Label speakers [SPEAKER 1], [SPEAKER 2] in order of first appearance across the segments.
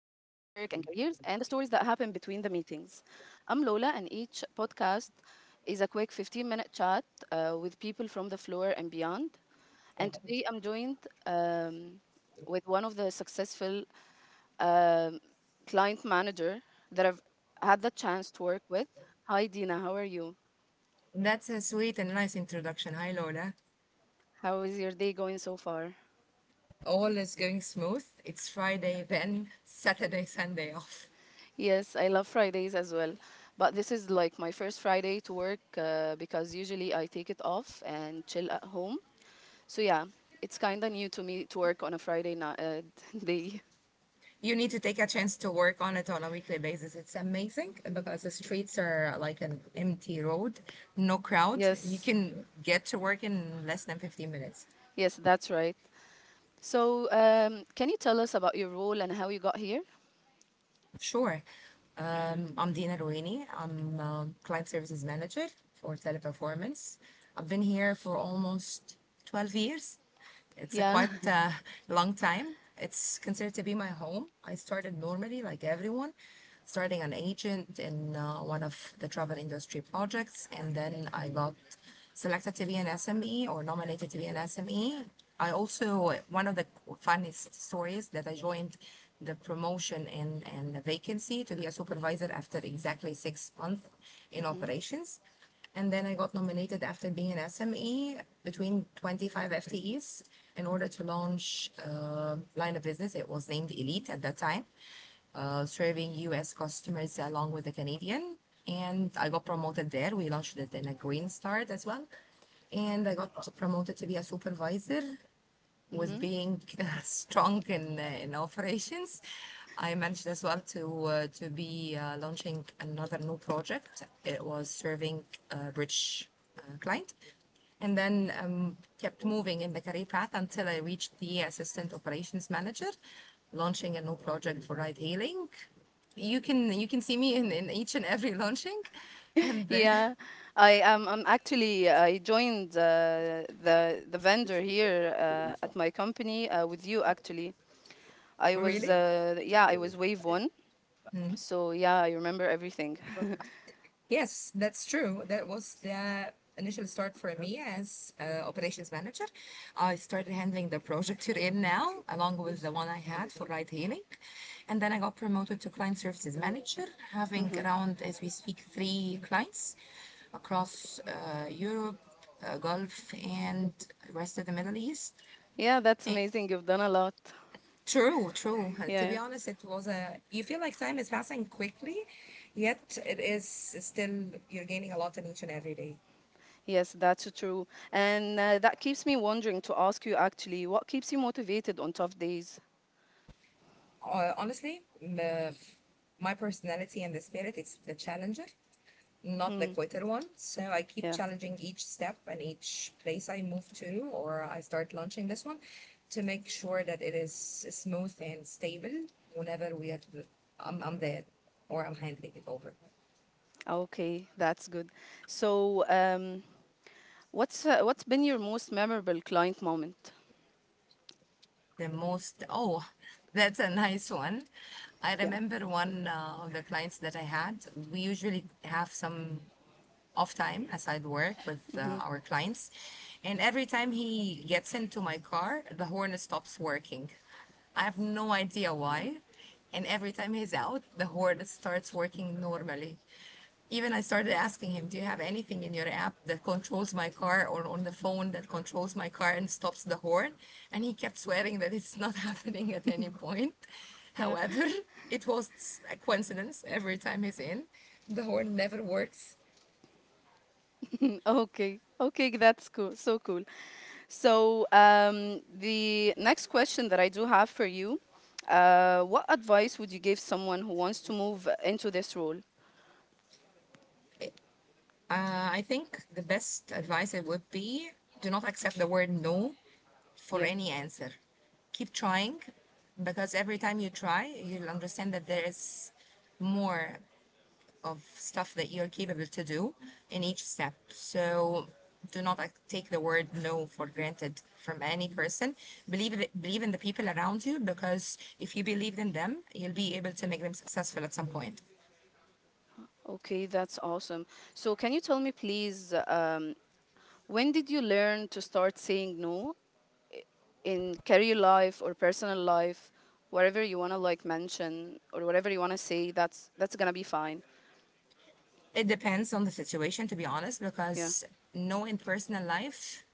[SPEAKER 1] and careers and the stories that happen between the meetings. I'm Lola, and each podcast is a quick 15-minute minute chat with people from the floor and beyond. And today I'm joined um, with one of the successful um, client manager that I've had the chance to work with. Hi, Dina, how are you?
[SPEAKER 2] That's a sweet and nice introduction. Hi, Lola.
[SPEAKER 1] How is your day going so far?
[SPEAKER 2] All is going smooth. It's Friday, then Saturday, Sunday off.
[SPEAKER 1] Yes, I love Fridays as well. But this is like my first Friday to work because usually I take it off and chill at home. So yeah, it's kind of new to me to work on a Friday night day.
[SPEAKER 2] You need to take a chance to work on it on a weekly basis. It's amazing because the streets are like an empty road, no crowd. You
[SPEAKER 1] Yes,
[SPEAKER 2] can get to work in less than 15 minutes.
[SPEAKER 1] yes, that's right. So can you tell us about your role and how you got here?
[SPEAKER 2] Sure. I'm Dina Ruini. I'm a client services manager for Teleperformance. I've been here for almost 12 years. It's a
[SPEAKER 1] Yeah,
[SPEAKER 2] quite long time. It's considered to be my home. I started normally, like everyone, starting an agent in one of the travel industry projects, and then I got selected to be an SME or nominated to be an SME. I also, one of the funniest stories that I joined the promotion and the vacancy to be a supervisor after exactly 6 months in operations. And then I got nominated after being an SME between 25 FTEs in order to launch a line of business. It was named Elite at that time, serving US customers along with the Canadian. And I got promoted there. We launched it in a Green Start as well. And I got promoted to be a supervisor was being strong in in operations, I managed as well to to be launching another new project. It was serving a rich client, and then kept moving in the career path until I reached the assistant operations manager, launching a new project for ride hailing. You can see me in each and every launching, and then
[SPEAKER 1] yeah. I am. I'm actually. I joined the vendor here at my company with you. Actually, I was.
[SPEAKER 2] really.
[SPEAKER 1] Yeah, I was wave one. So yeah, I remember everything.
[SPEAKER 2] Yes, that's true. That was the initial start for me as operations manager. I started handling the project you're in now, along with the one I had for ride hailing. And then I got promoted to client services manager, having around, as we speak, three clients across Europe, Gulf, and rest of the Middle East.
[SPEAKER 1] Yeah, that's
[SPEAKER 2] Eh,
[SPEAKER 1] amazing. You've done a lot.
[SPEAKER 2] true, true.
[SPEAKER 1] Yeah,
[SPEAKER 2] To be
[SPEAKER 1] yeah.
[SPEAKER 2] honest, it was a, you feel like time is passing quickly, yet it is still, you're gaining a lot in each and every day.
[SPEAKER 1] Yes, that's true. And that keeps me wondering to ask you actually, what keeps you motivated on tough days?
[SPEAKER 2] Honestly, the, my personality and the spirit is the challenger, not the
[SPEAKER 1] Hmm.
[SPEAKER 2] quitter one. So I keep
[SPEAKER 1] Yeah.
[SPEAKER 2] challenging each step and each place I move to or I start launching this one to make sure that it is smooth and stable whenever we are, I'm there or I'm handing it over.
[SPEAKER 1] Okay, that's good. So what's been your most memorable client moment?
[SPEAKER 2] The most, oh, that's a nice one. I
[SPEAKER 1] Yeah.
[SPEAKER 2] remember one of the clients that I had. We usually have some off time aside work with our clients. And every time he gets into my car, the horn stops working. I have no idea why. And every time he's out, the horn starts working normally. Even I started asking him, do you have anything in your app that controls my car or on the phone that controls my car and stops the horn? And he kept swearing that it's not happening at any point.
[SPEAKER 1] Yeah.
[SPEAKER 2] However, it was a coincidence every time he's in. The horn never works.
[SPEAKER 1] Okay, okay, that's cool. So cool. So the next question that I do have for you, what advice would you give someone who wants to move into this role?
[SPEAKER 2] I think the best advice it would be do not accept the word no for
[SPEAKER 1] Yeah.
[SPEAKER 2] any answer. Keep trying because every time you try, you'll understand that there is more of stuff that you're capable to do in each step. So do not like, take the word no for granted from any person. Believe it, believe in the people around you because if you believe in them, you'll be able to make them successful at some point.
[SPEAKER 1] Okay, that's awesome. So, can you tell me, please, when did you learn to start saying no in career life or personal life, whatever you wanna like mention or whatever you wanna say? That's gonna be fine.
[SPEAKER 2] It depends on the situation, to be honest,
[SPEAKER 1] Yeah.
[SPEAKER 2] because no, in personal life,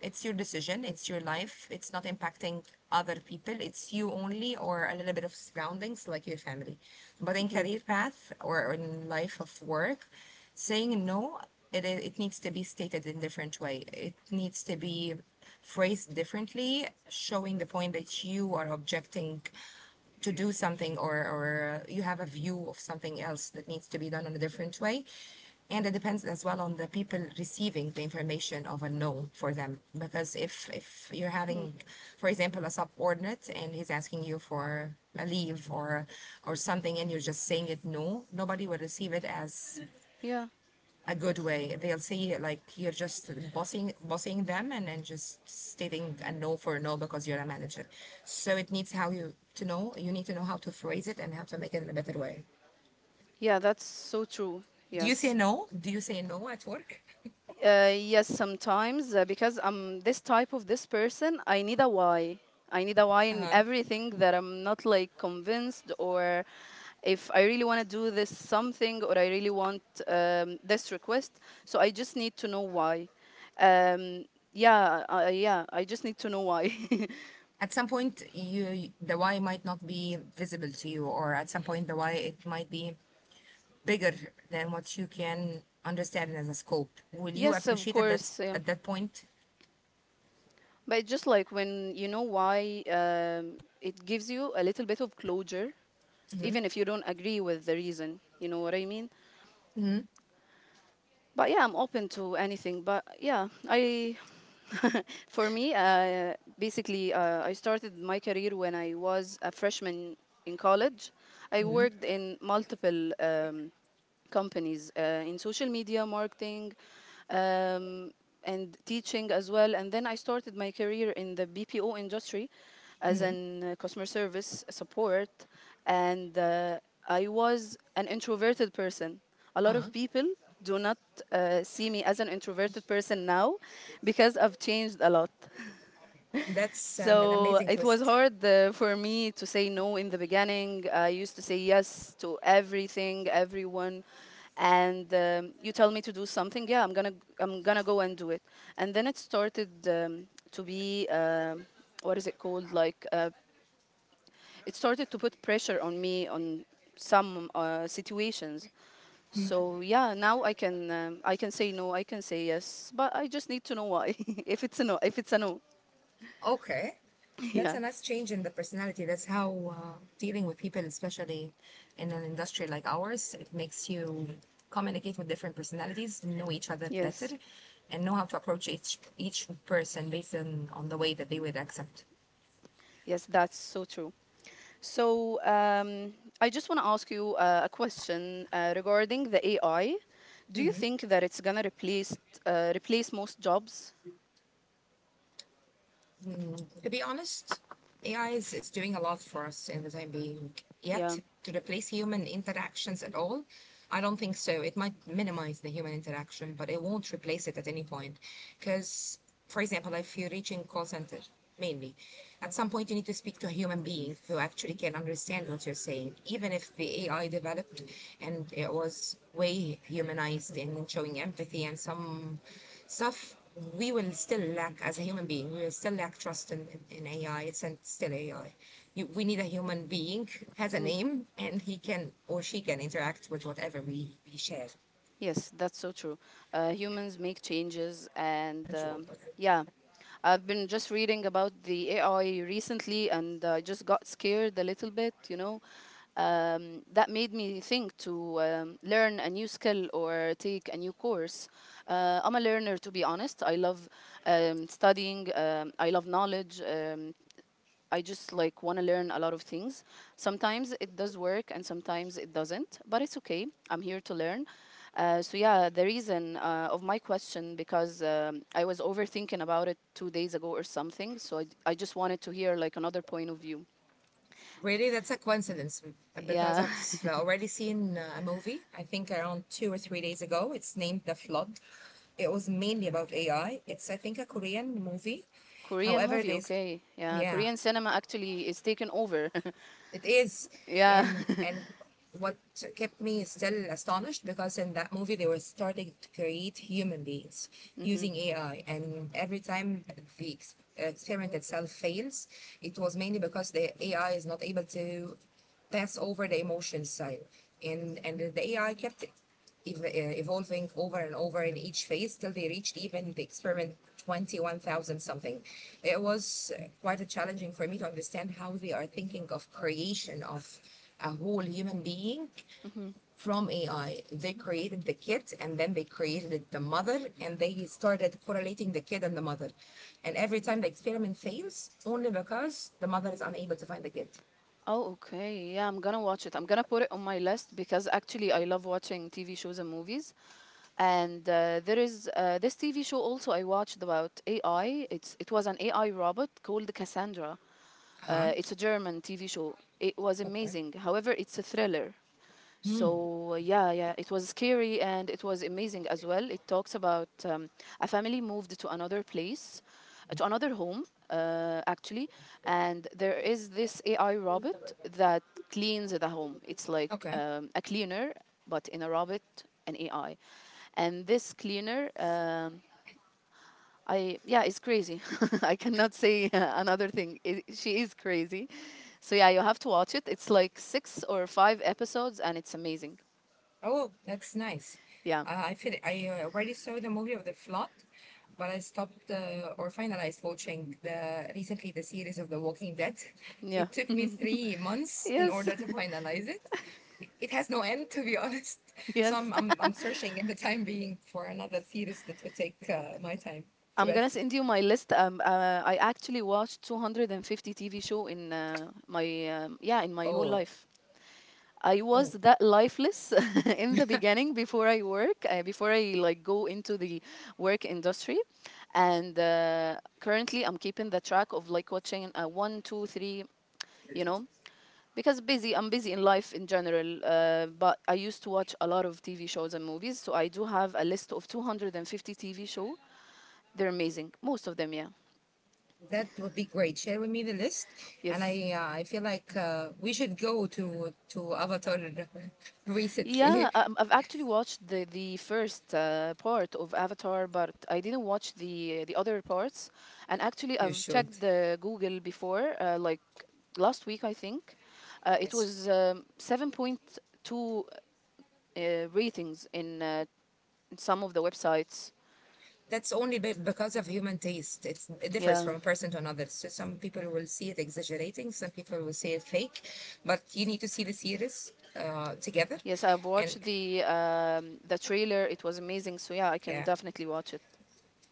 [SPEAKER 2] it's your decision, it's your life, it's not impacting other people, it's you only or a little bit of surroundings like your family. But in career path or in life of work, saying no, it needs to be stated in a different way. It needs to be phrased differently, showing the point that you are objecting to do something or or you have a view of something else that needs to be done in a different way and it depends as well on the people receiving the information of a no for them because if you're having for example a subordinate and he's asking you for a leave or something and you're just saying it no nobody will receive it as
[SPEAKER 1] Yeah.
[SPEAKER 2] a good way. They'll say like you're just bossing them and then just stating a no for a no because you're a manager. So it needs how you to know you need to know how to phrase it and how to make it in a better way.
[SPEAKER 1] Yeah, that's so true.
[SPEAKER 2] Do you say
[SPEAKER 1] Yes.
[SPEAKER 2] no? Do you say no at work?
[SPEAKER 1] Yes, sometimes because I'm this type of this person, I need a why. I need a why in
[SPEAKER 2] Uh-huh.
[SPEAKER 1] everything that I'm not like convinced or if I really want to do this something or I really want this request. So I just need to know why. Um, yeah, yeah, I just need to know why.
[SPEAKER 2] At some point you the why might not be visible to you or at some point the why it might be bigger than what you can understand as a scope. Will you
[SPEAKER 1] Yes, of
[SPEAKER 2] appreciate it that's
[SPEAKER 1] course. Yeah.
[SPEAKER 2] at that point?
[SPEAKER 1] But it's just like when you know why, it gives you a little bit of closure, even if you don't agree with the reason. You know what I mean? But yeah, I'm open to anything. But yeah, I for me, basically, I started my career when I was a freshman in college. I
[SPEAKER 2] Mm-hmm.
[SPEAKER 1] worked in multiple companies in social media marketing um, and teaching as well. And then I started my career in the BPO industry as
[SPEAKER 2] Mm-hmm.
[SPEAKER 1] an customer service support, and I was an introverted person. A lot of
[SPEAKER 2] Uh-huh.
[SPEAKER 1] people do not see me as an introverted person now because I've changed a lot.
[SPEAKER 2] That's an
[SPEAKER 1] So
[SPEAKER 2] amazing
[SPEAKER 1] it was
[SPEAKER 2] twist.
[SPEAKER 1] hard for me to say no in the beginning. I used to say yes to everything, everyone. And you tell me to do something, yeah, I'm gonna go and do it. And then it started to be, what is it called? Like, it started to put pressure on me on some situations. So yeah, now I can say no, I can say yes, but I just need to know why. If it's a no, if it's a no,
[SPEAKER 2] Okay. That's
[SPEAKER 1] yeah,
[SPEAKER 2] a nice change in the personality. That's how dealing with people, especially in an industry like ours, it makes you communicate with different personalities, know each other better,
[SPEAKER 1] yes.
[SPEAKER 2] and know how to approach each person based on the way that they would accept.
[SPEAKER 1] Yes, that's so true. So I just want to ask you a question regarding the AI. Do you think that it's gonna replace most jobs?
[SPEAKER 2] Mm, to be honest, AI is doing a lot for us in the time being.
[SPEAKER 1] Yeah.
[SPEAKER 2] Yet, to replace human interactions at all, I don't think so. It might minimize the human interaction, but it won't replace it at any point. Because, for example, if you're reaching call center mainly, at some point you need to speak to a human being who actually can understand what you're saying, even if the AI developed and it was way humanized in showing empathy and some stuff we will still lack as a human being. We will still lack trust in AI. It's still AI. You, we need a human being, has a name, and he can or she can interact with whatever we share.
[SPEAKER 1] Yes, that's so true. Humans make changes, and yeah, I've been just reading about the AI recently, and I just got scared a little bit. You know, that made me think to learn a new skill or take a new course. I'm a learner, to be honest. I love studying. I love knowledge. I just like want to learn a lot of things. Sometimes it does work and sometimes it doesn't, but it's okay. I'm here to learn. So yeah, the reason of my question because I was overthinking about it 2 days ago or something. So I just wanted to hear like another point of view.
[SPEAKER 2] Really, that's a coincidence because
[SPEAKER 1] Yeah,
[SPEAKER 2] I've already seen a movie, I think around 2 or 3 days ago. It's named The Flood. It was mainly about AI. It's, I think, a Korean movie.
[SPEAKER 1] Korean
[SPEAKER 2] However,
[SPEAKER 1] movie.
[SPEAKER 2] there's
[SPEAKER 1] Okay. Yeah,
[SPEAKER 2] yeah,
[SPEAKER 1] Korean cinema actually is taken over.
[SPEAKER 2] it is.
[SPEAKER 1] yeah.
[SPEAKER 2] And what kept me still astonished because in that movie they were starting to create human beings using AI, and every time the experiment itself fails, it was mainly because the AI is not able to pass over the emotion side, and the AI kept evolving over and over in each phase till they reached even the experiment 21,000 something. It was quite a challenging for me to understand how they are thinking of creation of a whole human being from AI. They created the kid and then they created the mother and they started correlating the kid and the mother. And every time the experiment fails, only because the mother is unable to find the kid.
[SPEAKER 1] Oh, okay. Yeah, I'm gonna watch it. I'm gonna put it on my list because actually I love watching TV shows and movies. And there is this TV show also I watched about AI. It was an AI robot called Cassandra.
[SPEAKER 2] Huh?
[SPEAKER 1] It's a German TV show. It was
[SPEAKER 2] Okay.
[SPEAKER 1] amazing. However, it's a thriller.
[SPEAKER 2] Hmm.
[SPEAKER 1] So yeah, yeah, it was scary and it was amazing as well. It talks about a family moved to another place, to another home actually, and there is this AI robot that cleans the home. It's like
[SPEAKER 2] Okay.
[SPEAKER 1] a cleaner, but in a robot, an AI, and this cleaner. I yeah, it's crazy. I cannot say another thing. It, she is crazy. So yeah, you have to watch it. It's like 6 or 5 episodes and it's amazing.
[SPEAKER 2] Oh, that's nice.
[SPEAKER 1] Yeah.
[SPEAKER 2] I feel I already saw the movie of The Flood, but I stopped or finalized watching the recently the series of The Walking Dead.
[SPEAKER 1] Yeah.
[SPEAKER 2] It took me three months in
[SPEAKER 1] yes.
[SPEAKER 2] order to finalize it. It has no end, to be honest. So
[SPEAKER 1] yes.
[SPEAKER 2] I'm searching in the time being for another series that would take my time to
[SPEAKER 1] I'm going to
[SPEAKER 2] bet.
[SPEAKER 1] send you my list. I actually watched 250 TV show in my yeah, in my whole
[SPEAKER 2] Oh,
[SPEAKER 1] life. I was
[SPEAKER 2] oh,
[SPEAKER 1] that lifeless in the beginning before I work, before I like go into the work industry, and currently I'm keeping the track of like watching one, two, three, you know, because busy I'm busy in life in general but I used to watch a lot of TV shows and movies, so I do have a list of 250 TV show. They're amazing, most of them. Yeah,
[SPEAKER 2] that would be great. Share with me the list, and
[SPEAKER 1] yes.
[SPEAKER 2] I feel like we should go to Avatar recently.
[SPEAKER 1] Yeah, I've actually watched the first part of Avatar, but I didn't watch the other parts. And actually,
[SPEAKER 2] You
[SPEAKER 1] I've checked
[SPEAKER 2] should.
[SPEAKER 1] the Google before, like last week, I think. It
[SPEAKER 2] Yes.
[SPEAKER 1] was 7.2 ratings in some of the websites.
[SPEAKER 2] That's only because of human taste. It's, it differs
[SPEAKER 1] Yeah.
[SPEAKER 2] from person to another. So some people will see it exaggerating, some people will say it fake, but you need to see the series together.
[SPEAKER 1] Yes, I've
[SPEAKER 2] And
[SPEAKER 1] watched the trailer. It was amazing. So yeah, I can
[SPEAKER 2] yeah,
[SPEAKER 1] definitely watch it.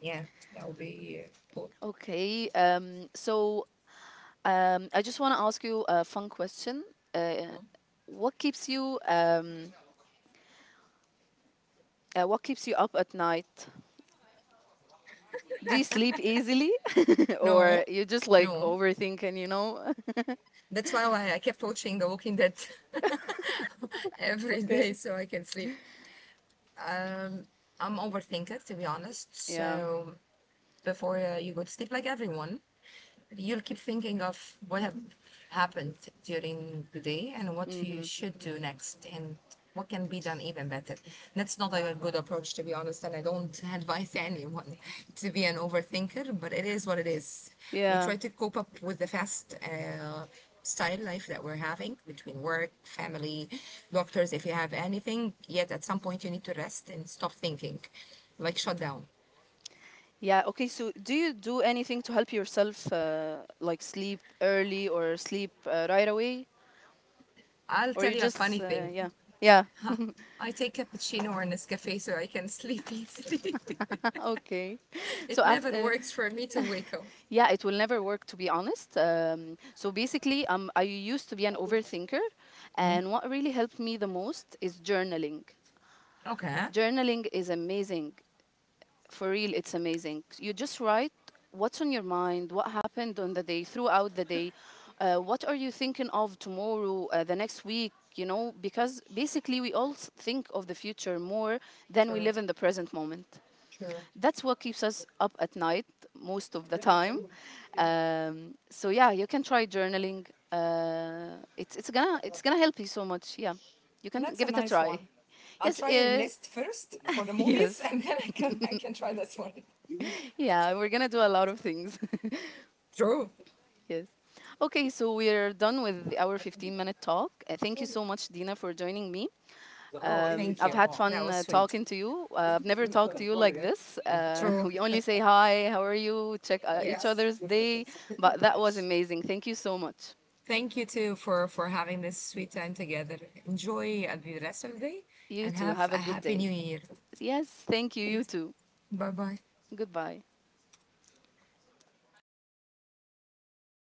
[SPEAKER 2] yeah, that would be cool.
[SPEAKER 1] Okay. Um, so I just want to ask you a fun question. Uh, what keeps you what keeps you up at night? Do you sleep easily, or
[SPEAKER 2] No,
[SPEAKER 1] you just like
[SPEAKER 2] no.
[SPEAKER 1] overthinking? You know?
[SPEAKER 2] That's why I kept watching The Walking Dead every day
[SPEAKER 1] Okay.
[SPEAKER 2] so I can sleep. Um, I'm overthinker, to be honest.
[SPEAKER 1] Yeah.
[SPEAKER 2] So before you go to sleep, like everyone, you'll keep thinking of what have happened during the day and what you
[SPEAKER 1] Mm.
[SPEAKER 2] should do next and what can be done even better. That's not a good approach, to be honest, and I don't advise anyone to be an overthinker, but it is what it is. We
[SPEAKER 1] Yeah.
[SPEAKER 2] try to cope up with the fast style life that we're having between work, family, doctors, if you have anything, yet at some point you need to rest and stop thinking, like shut down.
[SPEAKER 1] Yeah. Okay. So, do you do anything to help yourself, like sleep early or sleep right away,
[SPEAKER 2] I'll
[SPEAKER 1] or
[SPEAKER 2] tell
[SPEAKER 1] you
[SPEAKER 2] you a funny
[SPEAKER 1] just
[SPEAKER 2] thing.
[SPEAKER 1] yeah, yeah.
[SPEAKER 2] Huh. I take cappuccino or Nescafe so I can sleep easily.
[SPEAKER 1] Okay. So
[SPEAKER 2] it never
[SPEAKER 1] after
[SPEAKER 2] works for me to wake up.
[SPEAKER 1] Yeah, it will never work, to be honest. So basically, I used to be an overthinker, and what really helped me the most is journaling.
[SPEAKER 2] Okay.
[SPEAKER 1] Journaling is amazing. For real, it's amazing. You just write what's on your mind, what happened on the day, throughout the day, what are you thinking of tomorrow, the next week, you know, because basically we all think of the future more than we
[SPEAKER 2] True,
[SPEAKER 1] live in the present moment.
[SPEAKER 2] true.
[SPEAKER 1] That's what keeps us up at night most of the time. So yeah, you can try journaling. It's gonna help you so much. Yeah, you can
[SPEAKER 2] That's a
[SPEAKER 1] give it a
[SPEAKER 2] nice
[SPEAKER 1] try.
[SPEAKER 2] one. I'll
[SPEAKER 1] Yes.
[SPEAKER 2] try your list first for the movies,
[SPEAKER 1] Yes.
[SPEAKER 2] and then I can try this one.
[SPEAKER 1] Yeah, we're gonna do a lot of things.
[SPEAKER 2] True.
[SPEAKER 1] Yes. Okay, so we're done with our 15-minute minute talk. Thank you so much, Dina, for joining me.
[SPEAKER 2] Oh, thank
[SPEAKER 1] I've
[SPEAKER 2] you.
[SPEAKER 1] had
[SPEAKER 2] That
[SPEAKER 1] fun
[SPEAKER 2] was sweet.
[SPEAKER 1] talking to you. I've never talked to you like this.
[SPEAKER 2] True.
[SPEAKER 1] We only say hi, how are you, check each
[SPEAKER 2] Yes.
[SPEAKER 1] other's day. But that was amazing. Thank you so much.
[SPEAKER 2] Thank you too for having this sweet time together. Enjoy the rest of the day,
[SPEAKER 1] You
[SPEAKER 2] and
[SPEAKER 1] too.
[SPEAKER 2] have
[SPEAKER 1] Have
[SPEAKER 2] a
[SPEAKER 1] a good
[SPEAKER 2] happy
[SPEAKER 1] day.
[SPEAKER 2] new year.
[SPEAKER 1] Yes, thank you. You too.
[SPEAKER 2] Bye bye.
[SPEAKER 1] Goodbye.